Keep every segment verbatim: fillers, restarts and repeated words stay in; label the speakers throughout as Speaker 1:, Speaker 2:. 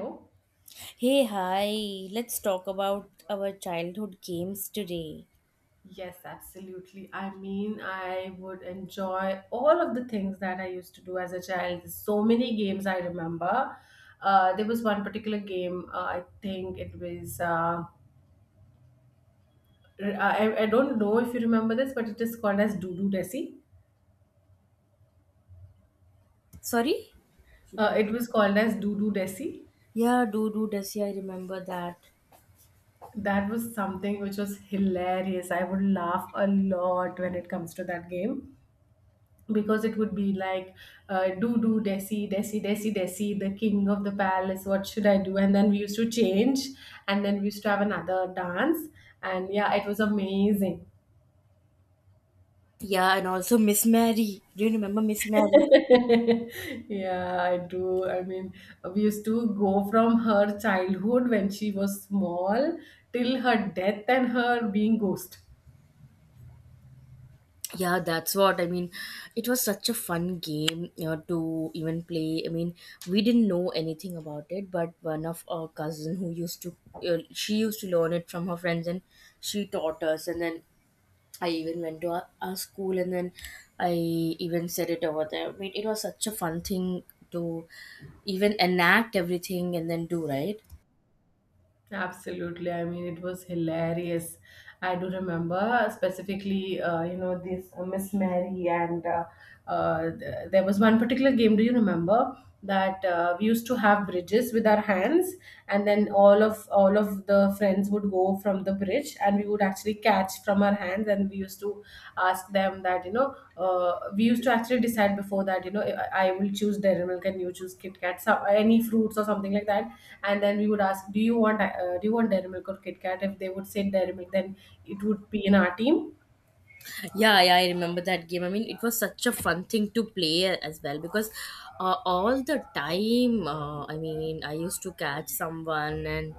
Speaker 1: Oh,
Speaker 2: Hey, hi. Let's talk about our childhood games today.
Speaker 1: yes, absolutely. I mean, I would enjoy all of the things that I used to do as a child. There's so many games I remember. Uh, there was one particular game, uh, I think it was, uh, r- I, I don't know if you remember this, but it is called as Doodoo Desi.
Speaker 2: Sorry?
Speaker 1: Uh, it was called as Doodoo Desi.
Speaker 2: Yeah, do do does yeah, I remember that.
Speaker 1: That was something which was hilarious. I would laugh a lot when it comes to that game, because it would be like uh, do do desi desi desi desi, the king of the palace, what should I do? And then we used to change, and then we used to have another dance, and yeah, it was amazing.
Speaker 2: Yeah, and also Miss Mary. Do you remember Miss Mary?
Speaker 1: Yeah, I do. I mean, we used to go from her childhood when she was small till her death and her being ghost.
Speaker 2: Yeah, that's what I mean. It was such a fun game, you know, to even play. I mean, we didn't know anything about it, but one of our cousin who used to, uh, she used to learn it from her friends, and she taught us. And then I even went to a, a school and then I even said it over there. I mean, it was such a fun thing to even enact everything and then do, right?
Speaker 1: Absolutely. I mean, it was hilarious. I do remember specifically, uh, you know, this uh, Miss Mary, and uh, uh, th- there was one particular game. Do you remember that uh, we used to have bridges with our hands, and then all of all of the friends would go from the bridge, and we would actually catch from our hands, and we used to ask them that, you know, uh, we used to actually decide before that, you know, I, I will choose Dairy Milk, and you choose Kit Kat, so, any fruits or something like that. And then we would ask, do you want uh, do you want Dairy Milk or Kit Kat? If they would say Dairy Milk, then it would be in our team.
Speaker 2: Yeah, yeah, I remember that game. I mean, it was such a fun thing to play as well because uh, all the time, uh, I mean, I used to catch someone and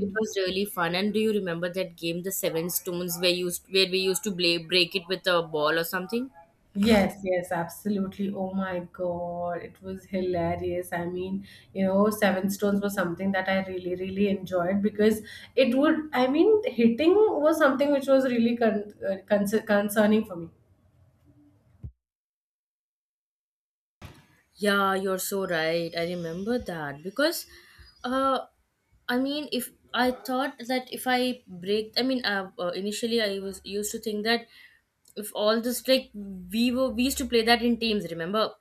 Speaker 2: it was really fun. And do you remember that game, the Seven Stones, where used where we used to play, break it with a ball or something?
Speaker 1: Yes, yes, absolutely. Oh my God, it was hilarious. I mean, you know, Seven Stones was something that I really, really enjoyed because it would, I mean, hitting was something which was really con uh, con concerning for me.
Speaker 2: Yeah, you're so right. I remember that because, uh, I mean, if I thought that if I break, I mean, uh, uh, initially I was used to think that if all this like we were we used to play that in teams. Remember,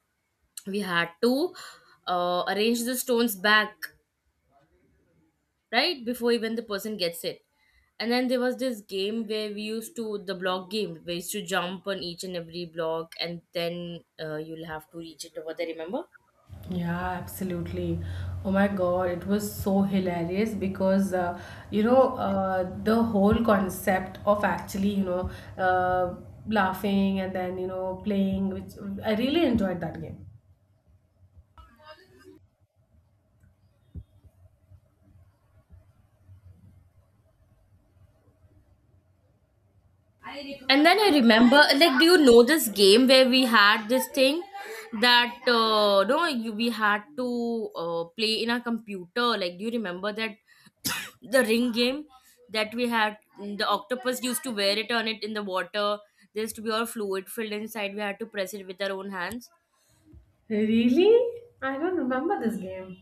Speaker 2: we had to uh, arrange the stones back right before even the person gets it. And then there was this game where we used to the block game where you used to jump on each and every block, and then uh, you'll have to reach it over there. Remember?
Speaker 1: Yeah, absolutely. Oh my God, it was so hilarious because uh, you know, uh, the whole concept of actually, you know, uh, laughing and then, you know, playing, which I really enjoyed that game.
Speaker 2: And then I remember, like, do you know this game where we had this thing that uh, no, you, we had to uh, play in a computer? Like, do you remember that the ring game that we had? mm, The octopus used to wear it on it in the water. There used to be all fluid filled inside. We had to press it with our own hands.
Speaker 1: Really? I don't remember this game.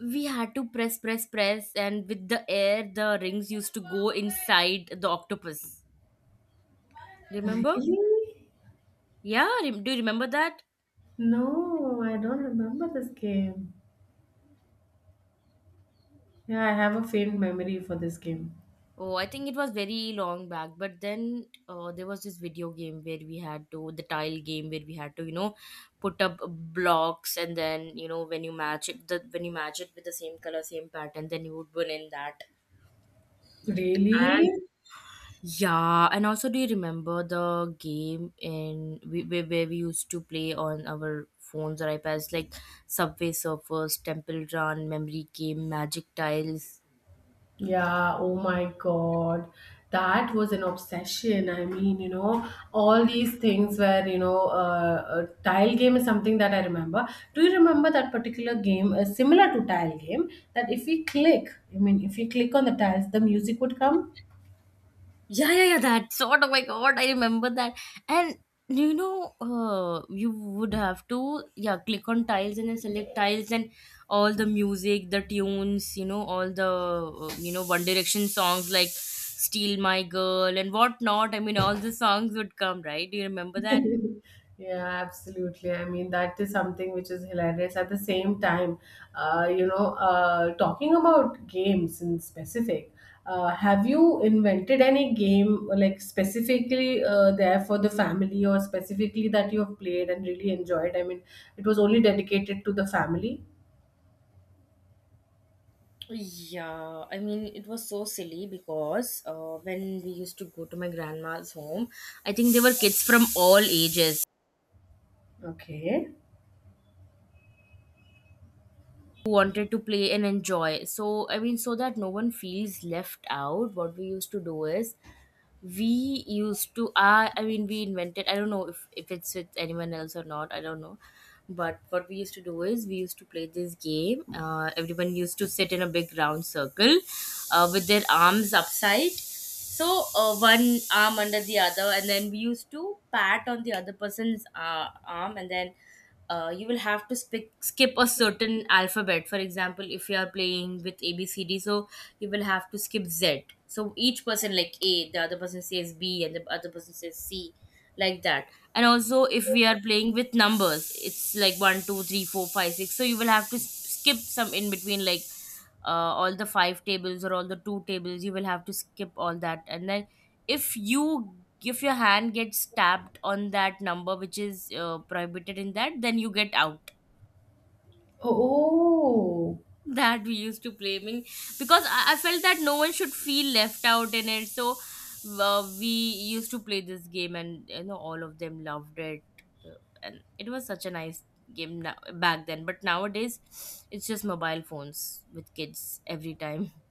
Speaker 2: We had to press, press, press, and with the air, the rings used to go inside the octopus. Remember?
Speaker 1: Really?
Speaker 2: Yeah, rem- do you remember that?
Speaker 1: No, I don't remember this game. Yeah, I have a faint memory for this game.
Speaker 2: Oh, I think it was very long back, but then uh, there was this video game where we had to, the tile game where we had to, you know, put up blocks and then, you know, when you match it, the, when you match it with the same color, same pattern, then you would win in that. And
Speaker 1: Really?
Speaker 2: yeah, and also do you remember the game in we, where, where we used to play on our phones or iPads like Subway Surfers, Temple Run, Memory Game, Magic Tiles?
Speaker 1: Yeah, oh my God. That was an obsession. I mean, you know, all these things where, you know, uh, a tile game is something that I remember. Do you remember that particular game, uh, similar to tile game, that if we click, I mean, if we click on the tiles, the music would come?
Speaker 2: Yeah, yeah, yeah, that sort. Oh my god, I remember that. And you know, uh, you would have to yeah, click on tiles and then select tiles and all the music, the tunes, you know, all the uh, you know One Direction songs like "Steal My Girl" and whatnot. I mean, all the songs would come, right? Do you remember that?
Speaker 1: Yeah, absolutely. I mean, that is something which is hilarious. At the same time, uh, you know, uh, talking about games in specific, uh, have you invented any game like specifically uh, there for the family or specifically that you have played and really enjoyed? I mean, it was only dedicated to the family.
Speaker 2: Yeah, I mean, it was so silly because uh, when we used to go to my grandma's home, I think there were kids from all ages.
Speaker 1: Okay.
Speaker 2: Wanted to play and enjoy. So, I mean, so that no one feels left out, what we used to do is we used to, I, I mean, we invented, I don't know if, if it's with anyone else or not, I don't know. But what we used to do is we used to play this game. Uh, everyone used to sit in a big round circle uh, with their arms upside. So uh, one arm under the other, and then we used to pat on the other person's uh, arm, and then uh, you will have to sp- skip a certain alphabet. For example, if you are playing with A, B, C, D, so you will have to skip Z. So each person, like A, the other person says B, and the other person says C, like that. And also, if we are playing with numbers, it's like one two three four five six. So you will have to s- skip some in between, like uh, all the five tables or all the two tables. You will have to skip all that. And then if you if your hand gets tapped on that number which is uh, prohibited in that, then you get out.
Speaker 1: Oh,
Speaker 2: That we used to play. I mean, because I, I felt that no one should feel left out in it, so uh, we used to play this game, and you know all of them loved it. Uh, and it was such a nice game now, back then, but nowadays it's just mobile phones with kids every time.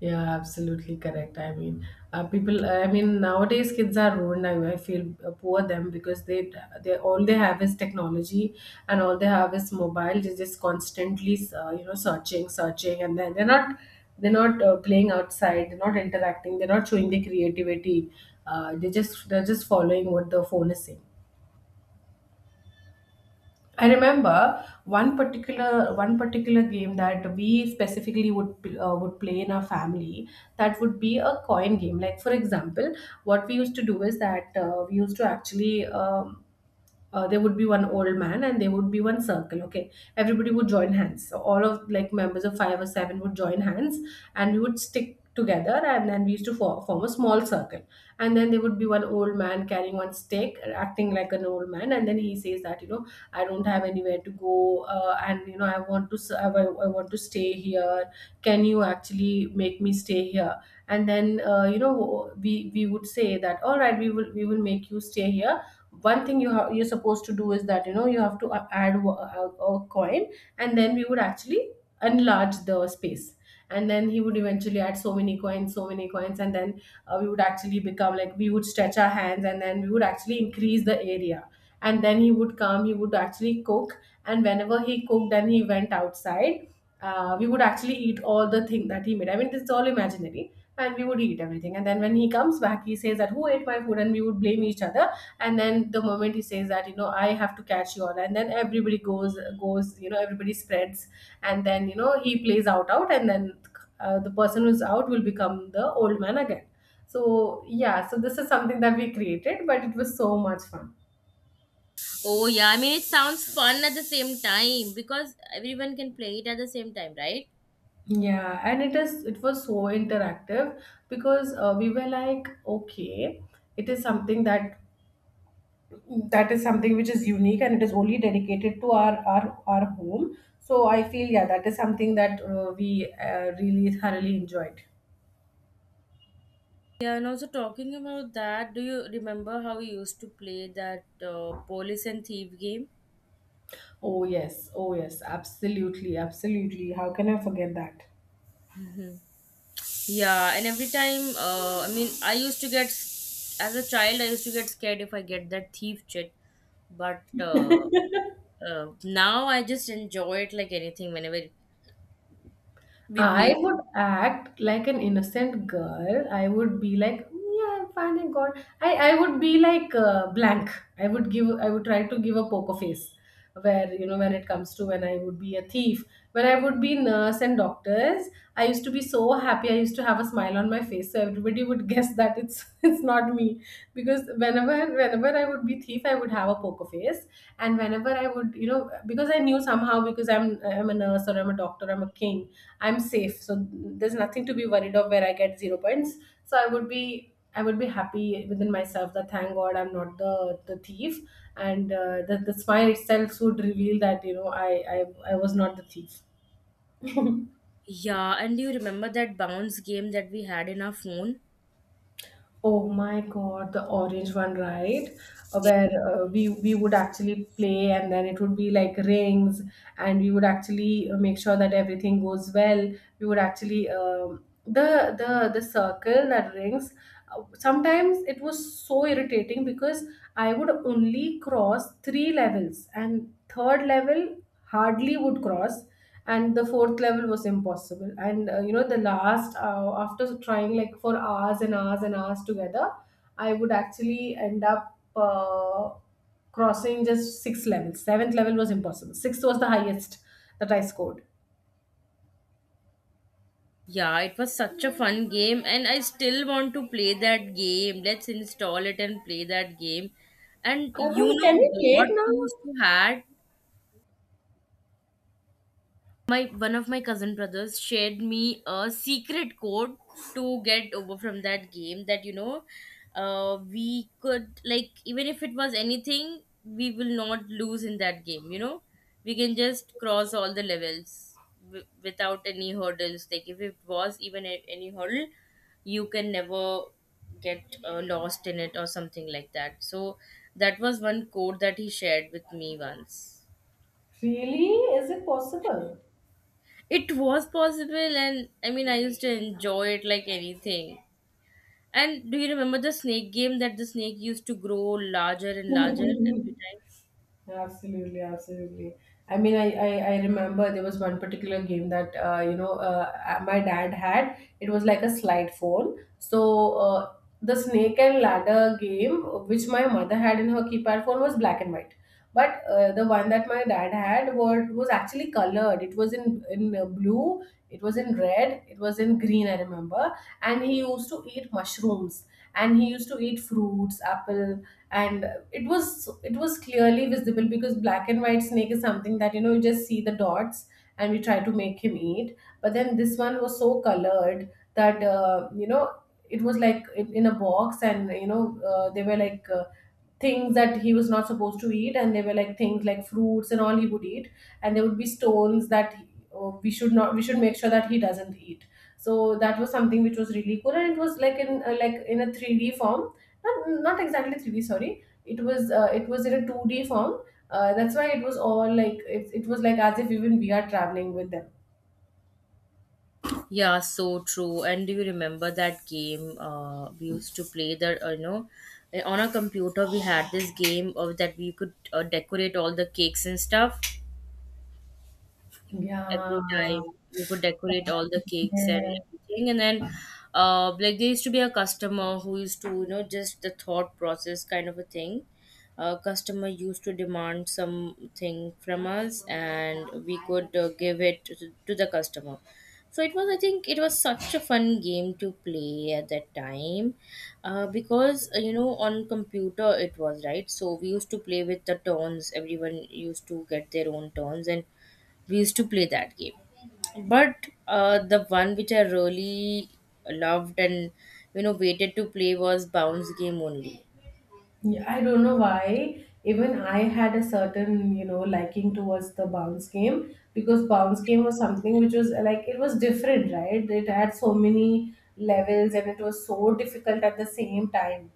Speaker 1: yeah, absolutely correct. I mean, uh, people. I mean, nowadays kids are ruined. I, I feel, uh, poor them, because they they all they have is technology, and all they have is mobile. They just constantly, uh, you know, searching, searching, and then they're not, they're not uh, playing outside. They're not interacting. They're not showing their creativity. Uh, they just, they're just following what the phone is saying. I remember one particular one particular game that we specifically would uh, would play in our family. That would be a coin game. Like for example, what we used to do is that uh, we used to actually um uh, there would be one old man and there would be one circle, okay? Everybody would join hands, so all of like members of five or seven would join hands, and we would stick together, and then we used to for, form a small circle. And then there would be one old man carrying one stick, acting like an old man, and then he says that, you know, I don't have anywhere to go, uh, and you know, I want to s- I, I want to stay here. Can you actually make me stay here? And then, uh, you know, we we would say that, all right, we will we will make you stay here. One thing you have, you're supposed to do is that, you know, you have to a- add wa- a, a coin. And then we would actually enlarge the space, and then he would eventually add so many coins, so many coins, and then, uh, we would actually become like, we would stretch our hands and then we would actually increase the area. And then he would come, he would actually cook, and whenever he cooked and he went outside, uh, we would actually eat all the thing that he made. I mean, it's all imaginary. And we would eat everything, and then when he comes back, he says that, who ate my food? And we would blame each other. And then the moment he says that, you know, I have to catch you all, and then everybody goes goes, you know, everybody spreads. And then, you know, he plays out, out, and then uh, the person who's out will become the old man again. So yeah, so this is something that we created, but it was so much fun.
Speaker 2: Oh yeah, I mean it sounds fun at the same time because everyone can play it at the same time, right?
Speaker 1: Yeah, and it is, it was so interactive, because uh, we were like, okay, it is something that, that is something which is unique and it is only dedicated to our our, our home, so I feel yeah, that is something that uh, we uh, really thoroughly enjoyed.
Speaker 2: Yeah, and also talking about that, do you remember how we used to play that uh, police and thief game?
Speaker 1: Oh, yes. Oh, yes. Absolutely. Absolutely. How can I forget that?
Speaker 2: Yeah, and every time, uh, I mean, I used to get, as a child, I used to get scared if I get that thief chit, but uh, uh, now I just enjoy it like anything whenever we
Speaker 1: I
Speaker 2: played.
Speaker 1: would act like an innocent girl. I would be like, yeah, I'm fine, I got. I I would be like uh, blank. I would give. I would try to give a poker face, where, you know, when it comes to, when I would be a thief, when I would be nurse and doctors. I used to be so happy. I used to have a smile on my face, so everybody would guess that it's it's not me, because whenever whenever whenever I would be thief, I would have a poker face. And whenever I would, you know, because I knew somehow, because I'm I'm a nurse or I'm a doctor, I'm a king, I'm safe. So there's nothing to be worried of, where I get zero points. So I would be I would be happy within myself that thank God I'm not the, the thief. And uh, the the smile itself would reveal that, you know, I I I was not the thief.
Speaker 2: Yeah, and do you remember that bounce game that we had in our phone?
Speaker 1: Oh my God, the orange one, right? Uh, Where uh, we we would actually play, and then it would be like rings, and we would actually uh, make sure that everything goes well. We would actually, um, the the the circle that rings. uh, Sometimes it was so irritating because I would only cross three levels, and third level hardly would cross, and the fourth level was impossible. And uh, you know, the last uh, after trying like for hours and hours and hours together, I would actually end up uh, crossing just six levels. Seventh level was impossible, sixth was the highest that I scored.
Speaker 2: Yeah, it was such a fun game, and I still want to play that game. Let's install it and play that game. And
Speaker 1: I
Speaker 2: you
Speaker 1: mean, can
Speaker 2: know
Speaker 1: we play it
Speaker 2: what
Speaker 1: now?
Speaker 2: we used to had? My one of my cousin brothers shared me a secret code to get over from that game, that you know uh we could, like, even if it was anything, we will not lose in that game, you know, we can just cross all the levels, w- without any hurdles. Like if it was even a- any hurdle, you can never get uh, lost in it or something like that. So that was one code that he shared with me once.
Speaker 1: Really? Is it possible?
Speaker 2: It was possible, and I mean, I used to enjoy it like anything. And do you remember the snake game that the snake used to grow larger and larger every time?
Speaker 1: Absolutely, absolutely. I mean, I, I, I remember there was one particular game that uh, you know uh, uh, my dad had. It was like a slide phone. So uh, the snake and ladder game, which my mother had in her keypad phone, was black and white. But uh, the one that my dad had was, was actually colored. It was in in uh, blue. It was in red. It was in green. I remember. And he used to eat mushrooms. And he used to eat fruits, apples, and it was, it was clearly visible, because black and white snake is something that, you know, you just see the dots and we try to make him eat. But then this one was so colored that, uh, you know, it was like in, in a box, and you know, uh, they were like uh, things that he was not supposed to eat, and they were like things like fruits and all he would eat, and there would be stones that he- uh, we should not we should make sure that he doesn't eat. So that was something which was really cool, and it was like in uh, like in a three d form, not, not exactly three d, sorry. It was uh, it was in a two d form. Uh, that's why it was all like, it, it was like as if even we are traveling with them.
Speaker 2: Yeah, so true. And do you remember that game uh, we used to play that, uh, you know, eh, on our computer we had this game of that we could uh, decorate all the cakes and stuff
Speaker 1: Yeah.
Speaker 2: every time. You could decorate all the cakes and
Speaker 1: Yeah.
Speaker 2: everything. And then, uh, like there used to be a customer who used to, you know, just the thought process kind of a thing. A customer used to demand something from us, and we could uh, give it to to the customer. So it was, I think, it was such a fun game to play at that time, uh, because uh, you know on computer it was, right? So we used to play with the turns. Everyone used to get their own turns, and we used to play that game, but uh, the one which I really loved and you know waited to play was bounce game only.
Speaker 1: Yeah, I don't know why. Even I had a certain, you know, liking towards the bounce game, because bounce game was something which was uh, like it was different, right? It had so many levels and it was so difficult at the same time.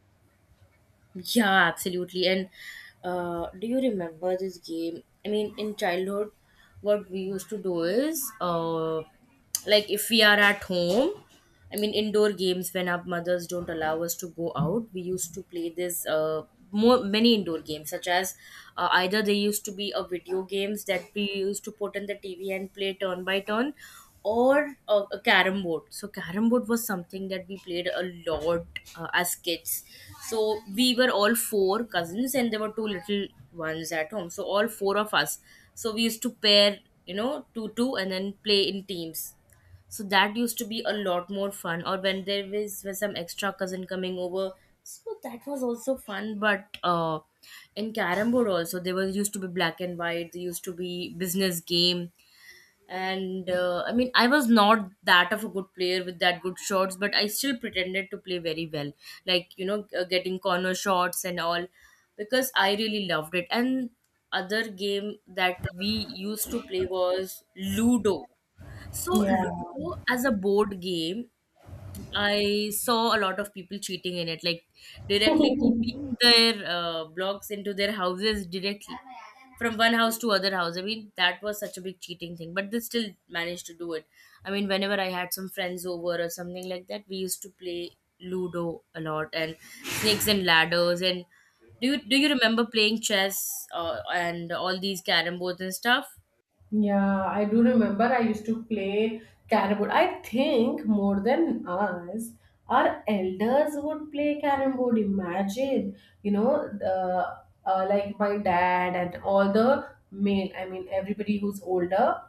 Speaker 2: Yeah, absolutely. And uh, do you remember this game? I mean, in childhood, what we used to do is, uh, like, if we are at home, I mean, indoor games when our mothers don't allow us to go out, we used to play this. Uh, more, many indoor games such as uh, either they used to be a video games that we used to put in the TV and play turn by turn, or a, a carrom board. So carrom board was something that we played a lot uh, as kids. So we were all four cousins and there were two little ones at home, so all four of us, so we used to pair, you know, two two and then play in teams. So that used to be a lot more fun, or when there was, was some extra cousin coming over, so that was also fun. But uh in carrom board also, there was used to be black and white, there used to be business game. And uh, I mean I was not that of a good player with that good shots, but I still pretended to play very well, like you know uh, getting corner shots and all, because I really loved it. And other game that we used to play was ludo. So
Speaker 1: Yeah.
Speaker 2: ludo as a board game, I saw a lot of people cheating in it, like directly keeping their uh, blocks into their houses directly from one house to other house. I mean, that was such a big cheating thing, but they still managed to do it. I mean, whenever I had some friends over or something like that, we used to play Ludo a lot and snakes and ladders. And do you do you remember playing chess uh, and all these carrom boards and stuff?
Speaker 1: Yeah, I do remember I used to play carrom board. I think more than us, our elders would play carrom board. Imagine, you know, the, uh, like my dad and all the male, I mean, everybody who's older,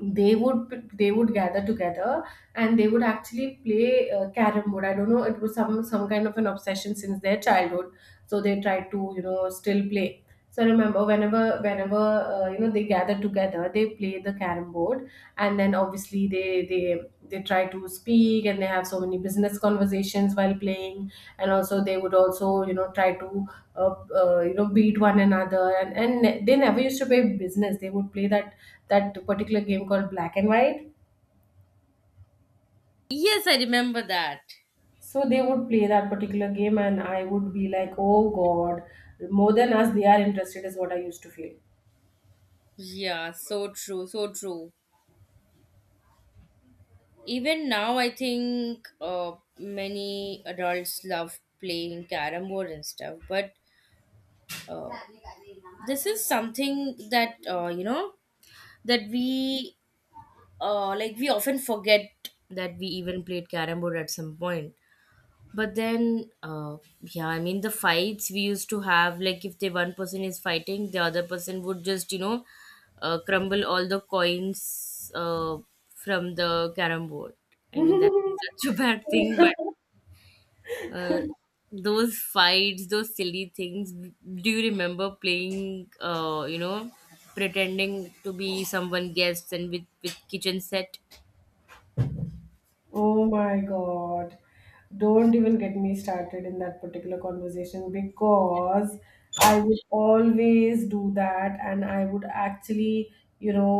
Speaker 1: they would they would gather together and they would actually play uh, carrom board. I don't know, it was some some kind of an obsession since their childhood, so they tried to, you know, still play. So I remember whenever whenever uh, you know, they gathered together, they played the carrom board, and then obviously they they they try to speak and they have so many business conversations while playing. And also they would also, you know, try to uh, uh, you know, beat one another, and and they never used to play business, they would play that that particular game called black and white.
Speaker 2: Yes, I remember that.
Speaker 1: So they would play that particular game, and I would be like, oh god, more than us they are interested is what I used to feel.
Speaker 2: Yeah, so true, so true. Even now, I think uh, many adults love playing carom board and stuff, but uh, this is something that uh, you know that we uh, like we often forget that we even played carom board at some point. But then, uh, yeah, I mean the fights we used to have, like if the one person is fighting, the other person would just you know uh, crumble all the coins uh, from the carom board. I mean that's such a bad thing, but Uh, those fights, those silly things. Do you remember playing, uh, you know, pretending to be someone guests and with, with kitchen set?
Speaker 1: Oh my God. Don't even get me started in that particular conversation, because I would always do that, and I would actually, you know,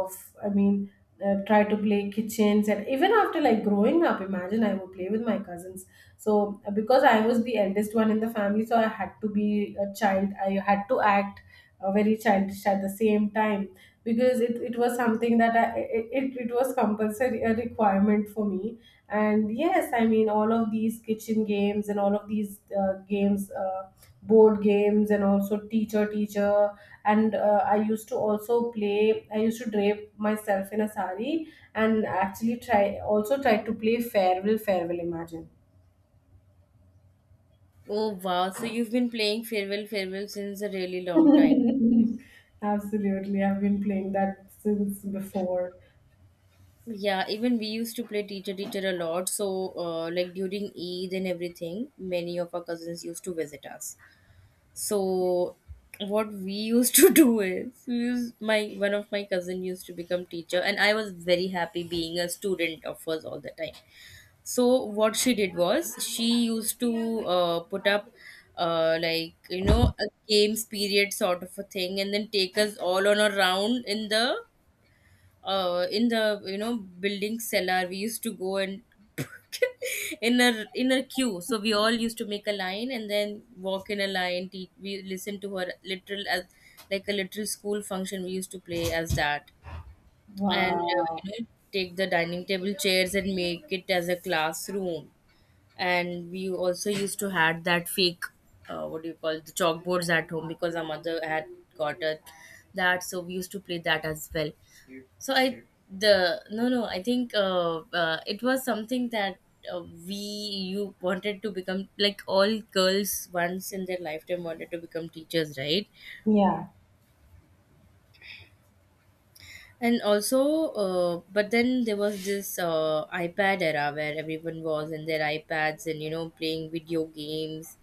Speaker 1: uh, f- I mean, uh, try to play kitchens. And even after, like, growing up, imagine, I would play with my cousins. So uh, because I was the eldest one in the family, so I had to be a child. I had to act uh, very childish at the same time, because it, it was something that I, it, it it was compulsory, a requirement for me. And yes, I mean, all of these kitchen games and all of these uh, games, uh, board games, and also teacher teacher. And uh, I used to also play, I used to drape myself in a sari and actually try, also try, to play farewell farewell, imagine.
Speaker 2: Oh wow! So you've been playing farewell, farewell since a really long time.
Speaker 1: Absolutely. I've been playing that since before.
Speaker 2: Yeah, even we used to play teacher teacher a lot. So, uh, like during Eid and everything, many of our cousins used to visit us. So what we used to do is we used, my one of my cousin used to become teacher and I was very happy being a student of hers all the time. So what she did was she used to uh, put up uh, like you know a games period sort of a thing and then take us all on a round in the uh in the you know building cellar we used to go and in a in a queue so we all used to make a line and then walk in a line teach, we listen to her literal as like a literal school function we used to play as that and uh,
Speaker 1: Wow.
Speaker 2: you know take the dining table chairs and make it as a classroom, and we also used to had that fake, uh, what do you call, the chalkboards at home because our mother had got a, that, so we used to play that as well. So I the no no I think uh, uh, it was something that uh, we you wanted to become, like all girls once in their lifetime wanted to become teachers, right?
Speaker 1: Yeah.
Speaker 2: And also uh, but then there was this uh, iPad era where everyone was in their iPads and you know playing video games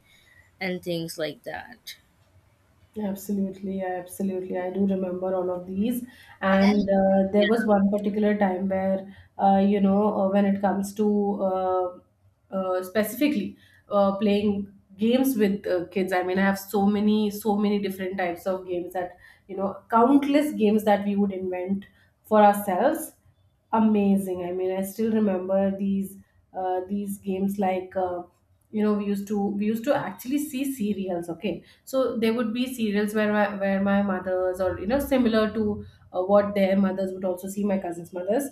Speaker 2: and things like that.
Speaker 1: Absolutely, absolutely. I do remember all of these. And uh, there was one particular time where, uh, you know, uh, when it comes to uh, uh, specifically uh, playing games with uh, kids, I mean, I have so many, so many different types of games that, you know, countless games that we would invent for ourselves. Amazing. I mean, I still remember these, uh, these games, like. Uh, you know, we used to we used to actually see serials. Okay, so there would be serials where my, where my mothers, or, you know, similar to uh, what their mothers would also see, my cousins' mothers.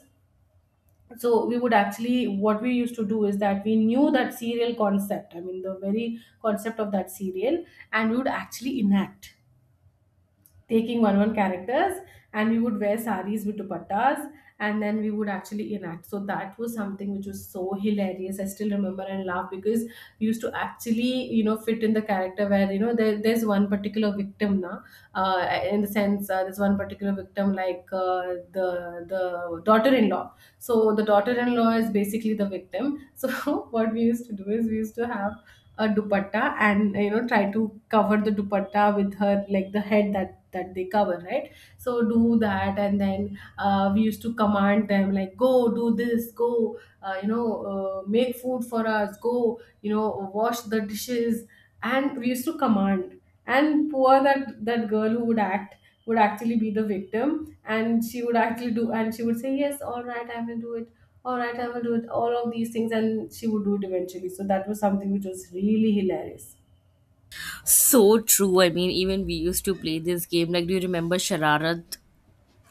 Speaker 1: So we would actually, what we used to do is that we knew that serial concept, I mean the very concept of that serial, and we would actually enact, taking one one characters, and we would wear saris with dupattas, and then we would actually enact. So that was something which was so hilarious, I still remember and laugh, because we used to actually, you know, fit in the character where, you know, there, there's one particular victim now, uh, in the sense, uh, there's one particular victim, like, uh, the the daughter-in-law. So the daughter-in-law is basically the victim. So what we used to do is, we used to have a dupatta and, you know, try to cover the dupatta with her, like the head that they cover, right? So do that, and then uh, we used to command them, like, go do this, go, uh, you know, uh, make food for us, go, you know, wash the dishes. And we used to command, and poor that that girl who would act would actually be the victim, and she would actually do, and she would say yes, all right, I will do it, all right, I will do it, all of these things, and she would do it eventually. So that was something which was really hilarious.
Speaker 2: So true. I mean, even we used to play this game. Like, do you remember Shararat?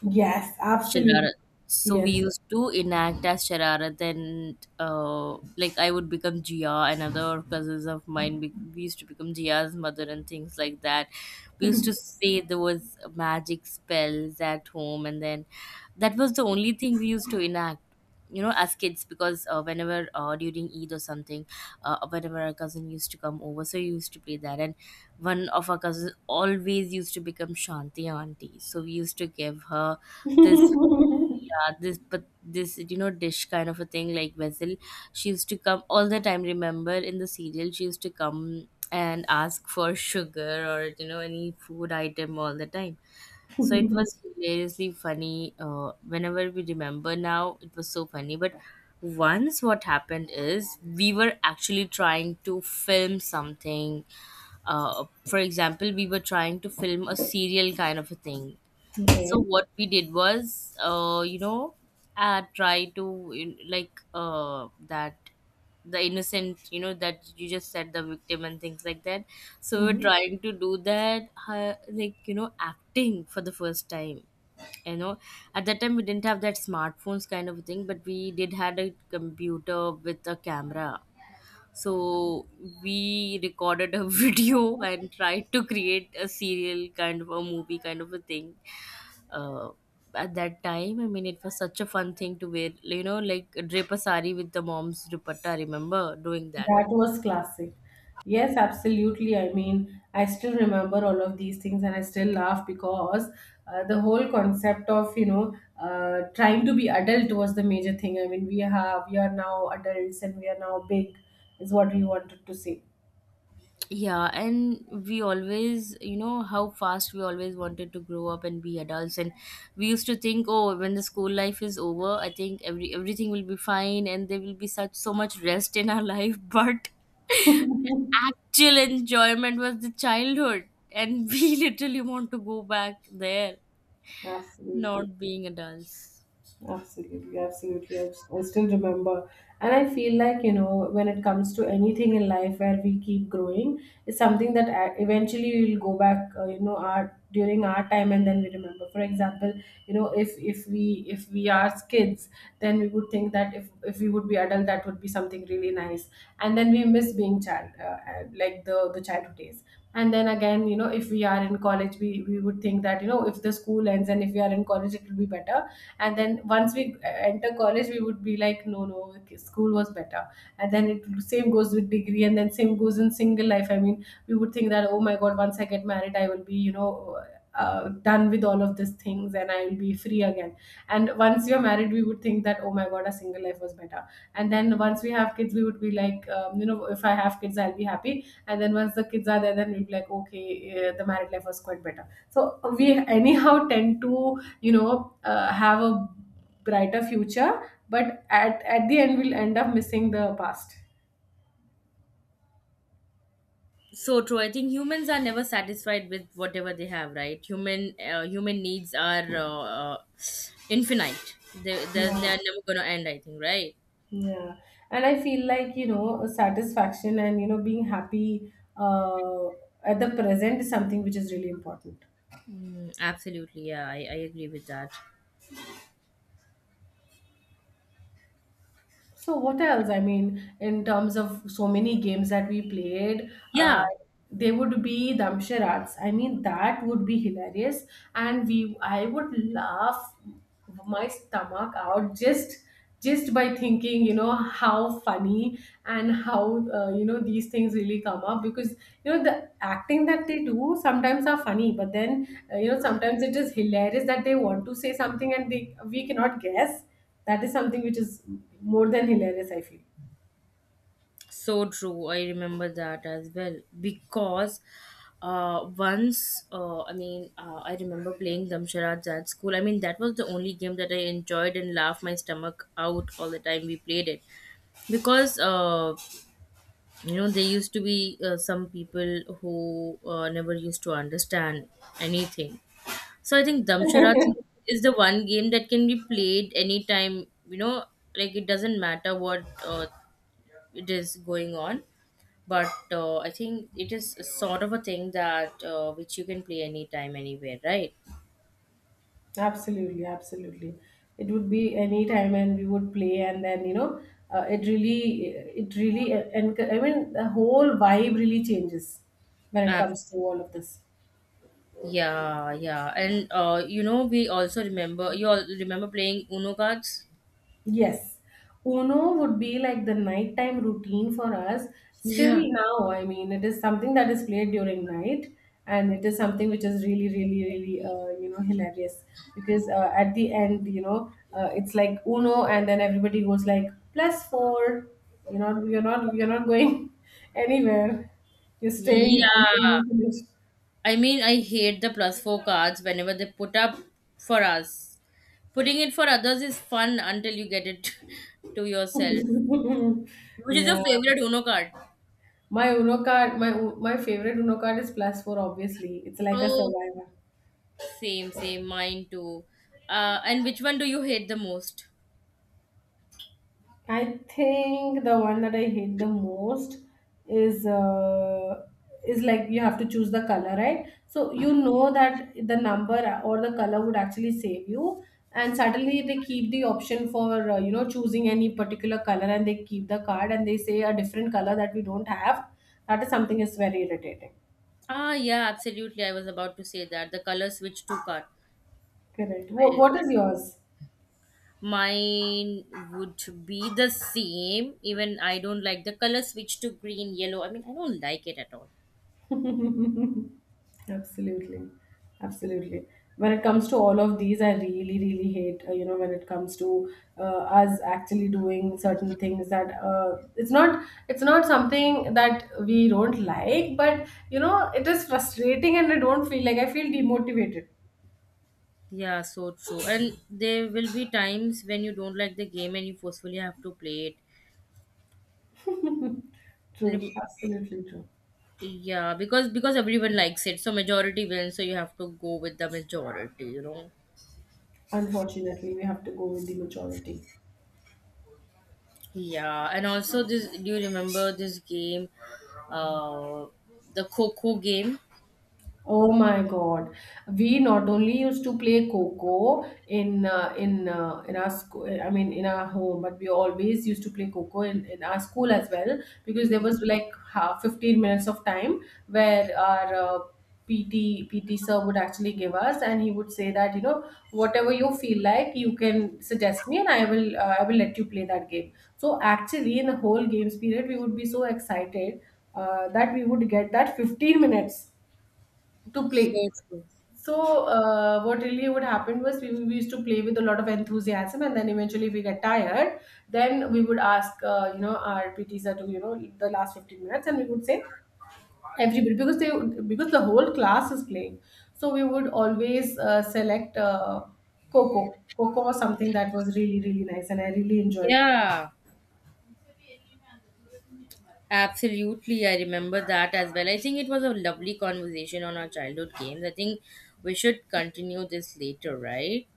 Speaker 1: Yes, absolutely.
Speaker 2: Shararat. So we
Speaker 1: Yes.
Speaker 2: used to enact as Shararat, and uh, like I would become Jia, another cousins of mine. Be- we used to become Jia's mother and things like that. We used to say there was magic spells at home, and then that was the only thing we used to enact. You know, as kids, because uh, whenever uh, during Eid or something, uh, whenever our cousin used to come over, so we used to play that. And one of our cousins always used to become Shanti auntie, so we used to give her this, yeah, this, but this you know dish kind of a thing, like vessel. She used to come all the time. Remember in the serial, she used to come and ask for sugar or you know any food item all the time. So it was hilariously funny. Uh, whenever we remember now, it was so funny. But once what happened is we were actually trying to film something. Uh, for example, we were trying to film a serial kind of a thing.
Speaker 1: Okay.
Speaker 2: So what we did was uh you know uh try to in- like uh that the innocent, you know, that you just said, the victim and things like that. So we're
Speaker 1: Mhm.
Speaker 2: trying to do that, uh, like you know acting for the first time, you know. At that time we didn't have that smartphones kind of thing, but we did had a computer with a camera. So we recorded a video and tried to create a serial kind of a movie kind of a thing. uh, at that time I mean it was such a fun thing to wear, you know, like drape a sari with the mom's dupatta. I remember doing that.
Speaker 1: That was classic. Yes, absolutely. I mean, I still remember all of these things and I still laugh because uh, the whole concept of, you know, uh, trying to be adult was the major thing. I mean, we have, we are now adults and we are now big, is what we wanted to say.
Speaker 2: Yeah, and we always, you know, how fast we always wanted to grow up and be adults. And we used to think, oh, when the school life is over I think every everything will be fine and there will be such so much rest in our life. But the actual enjoyment was the childhood, and we literally want to go back there,
Speaker 1: Absolutely.
Speaker 2: not being adults.
Speaker 1: Absolutely, absolutely. I, s- I still remember. And I feel like, you know, when it comes to anything in life where we keep growing, it's something that a- eventually we'll go back, uh, you know, our, during our time, and then we remember. For example, you know, if if we if we are kids, then we would think that if, if we would be adult, that would be something really nice. And then we miss being child, uh, uh, like the, the childhood days. And then again, you know, if we are in college, we, we would think that, you know, if the school ends and if we are in college, it will be better. And then once we uh, enter college, we would be like, no no, okay, school was better. And then it same goes with degree, and then same goes in single life. I mean, we would think that, oh my god, once I get married, I will be, you know, uh, done with all of these things, and I will be free again. And once you're married, we would think that, oh my god, a single life was better. And then once we have kids, we would be like, um, you know, if I have kids I'll be happy. And then once the kids are there, then we'll be like, okay, uh, the married life was quite better. So we anyhow tend to, you know, uh, have a brighter future, but at, at the end we'll end up missing the past.
Speaker 2: So true. I think humans are never satisfied with whatever they have, right? Human uh, human needs are uh, uh, infinite. They they they
Speaker 1: Yeah.
Speaker 2: are never gonna end. I think, right?
Speaker 1: Yeah, and I feel like, you know, satisfaction and, you know, being happy uh, at the present is something which is really important.
Speaker 2: Mm, absolutely. Yeah, I, I agree with that.
Speaker 1: So what else? I mean, in terms of so many games that we played, uh,
Speaker 2: Yeah,
Speaker 1: they would be Damsharats. I mean, that would be hilarious, and we I would laugh my stomach out just just by thinking, you know, how funny and how uh, you know, these things really come up, because, you know, the acting that they do sometimes are funny, but then uh, you know, sometimes it is hilarious that they want to say something and they we cannot guess. That is something which is more than hilarious, I feel.
Speaker 2: so true. I remember that as well because uh, once uh, I mean uh, I remember playing Damsharaj at school. I mean that was the only game that I enjoyed and laughed my stomach out all the time we played it, because uh, you know there used to be uh, some people who uh, never used to understand anything. So I think damsharat is the one game that can be played anytime, you know, like it doesn't matter what uh, it is going on, but uh, I think it is a sort of a thing that uh, which you can play anytime anywhere, right?
Speaker 1: Absolutely, absolutely. It would be any time, and we would play, and then, you know, uh, it really it really, and I mean the whole vibe really changes when it
Speaker 2: Ab-
Speaker 1: comes to all of this.
Speaker 2: yeah, yeah, and uh, you know we also remember you all remember playing uno cards.
Speaker 1: Yes. Uno would be like the nighttime routine for us. Still
Speaker 2: Yeah,
Speaker 1: now, I mean, it is something that is played during night, and it is something which is really, really, really, uh, you know, hilarious, because uh, at the end, you know, uh, it's like Uno, and then everybody goes like plus four. You know, you're not, you're not going anywhere. You're staying until
Speaker 2: yeah,
Speaker 1: you
Speaker 2: I mean, I hate the plus four cards whenever they put up for us. Putting it for others is fun until you get it to yourself.
Speaker 1: finish.
Speaker 2: Which is your
Speaker 1: Yeah.
Speaker 2: favorite Uno card?
Speaker 1: My Uno card, my my favorite Uno card is plus four. Obviously, it's like a
Speaker 2: Oh,
Speaker 1: survivor.
Speaker 2: same, same. Mine too. Uh, and which one do you hate the most?
Speaker 1: I think the one that I hate the most is uh, is like you have to choose the color, right? So you know that the number or the color would actually save you, and suddenly they keep the option for, uh, you know, choosing any particular color, and they keep the card and they say a different color that we don't have. That is something is very irritating.
Speaker 2: Ah, yeah, absolutely. I was about to say that. The color switch two card.
Speaker 1: Correct. What,
Speaker 2: I,
Speaker 1: what is yours?
Speaker 2: mine would be the same. Even I don't like the color switch to green, yellow. I mean, I don't like it at all.
Speaker 1: Absolutely, absolutely. When it comes to all of these, I really really hate, uh, you know, when it comes to uh, us actually doing certain things that, uh, it's not it's not something that we don't like, but, you know, it is frustrating, and I don't feel like, I feel demotivated.
Speaker 2: Yeah, so true. And there will be times when you don't like the game and you forcefully have to play it.
Speaker 1: True,
Speaker 2: Lim-
Speaker 1: absolutely true.
Speaker 2: Yeah, because because everyone likes it, so majority wins, so you have to go with the majority, you know.
Speaker 1: Unfortunately, we have to go with the majority.
Speaker 2: Yeah, and also this, do you remember this game, uh the Coco game?
Speaker 1: Oh my God! We not only used to play Coco in, uh, in uh, in our school. I mean, in our home, but we always used to play Coco in, in our school as well, because there
Speaker 2: Yeah.
Speaker 1: was like half fifteen minutes of time where our uh, P T P T sir would actually give us, and he would say that, you know, whatever you feel like, you can suggest me, and I will, uh, I will let you play that game. So actually, in the whole games period, we would be so excited uh, that we would get that fifteen minutes to
Speaker 2: So
Speaker 1: play.
Speaker 2: true.
Speaker 1: So, uh, what really would happen was, we, we used to play with a lot of enthusiasm, and then eventually, if we get tired, then we would ask, uh, you know, our P T sir to, you know, the last fifteen minutes, and we would say, everybody, because they because the whole class is playing. So we would always uh, select uh, Coco. Coco was something that was really, really nice, and I really enjoyed.
Speaker 2: Yeah, absolutely. I remember that as well. I think it was a lovely conversation on our childhood games. I think we should continue this later, right?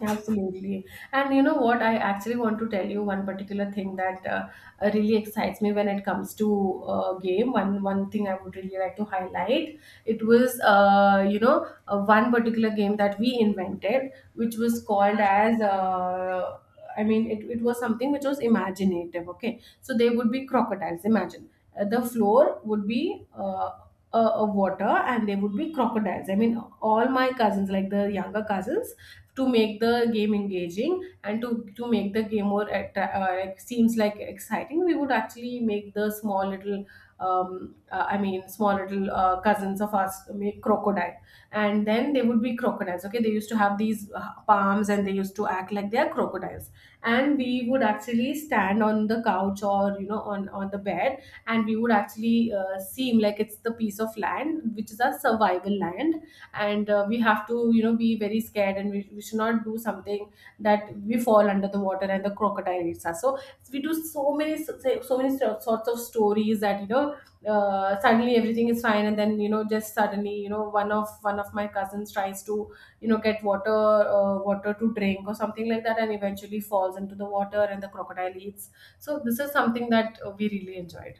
Speaker 1: Absolutely. And you know what? I actually want to tell you one particular thing that, uh, uh, really excites me when it comes to uh, game. One one thing I would really like to highlight. It was, uh, you know, uh, one particular game that we invented, which was called as. Uh, I mean, it, it was something which was imaginative, okay? So they would be crocodiles, imagine. Uh, the floor would be uh, a, a water, and they would be crocodiles. I mean, all my cousins, like the younger cousins, to make the game engaging, and to, to make the game more atta- uh, like, seems like exciting, we would actually make the small little um, uh, I mean small little uh, cousins of us make crocodile, and then they would be crocodiles, okay? They used to have these uh, palms, and they used to act like they are crocodiles. And we would actually stand on the couch, or, you know, on on the bed, and we would actually uh, seem like it's the piece of land which is our survival land. And uh, we have to, you know, be very scared, and we, we should not do something that we fall under the water and the crocodile eats us. So we do so many, so so many so- sorts of stories that, you know, uh, suddenly everything is fine, and then, you know, just suddenly, you know, one of one of my cousins tries to, you know, get water, uh, water to drink or something like that, and eventually falls into the water and the crocodile eats. So this is something that, uh, we really enjoyed.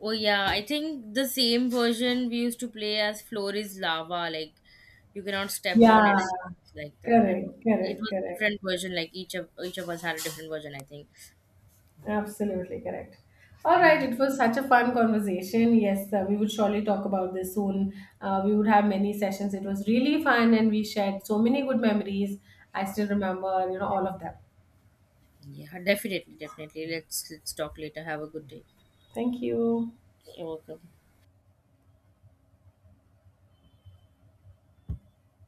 Speaker 2: Oh yeah, I think the same version we used to play as floor is lava, like you cannot step on it,
Speaker 1: Yeah.
Speaker 2: like that.
Speaker 1: Correct,
Speaker 2: It
Speaker 1: correct,
Speaker 2: was a
Speaker 1: correct.
Speaker 2: different version, like each of each of us had a different version, I think.
Speaker 1: Absolutely correct. All right, it was such a fun conversation. Yes, uh, we would surely talk about this soon. Uh, we would have many sessions. It was really fun and we shared so many good memories. I still remember, you know, all of them.
Speaker 2: Yeah, definitely, definitely. Let's let's talk later. Have a good day.
Speaker 1: Thank you.
Speaker 2: You're welcome.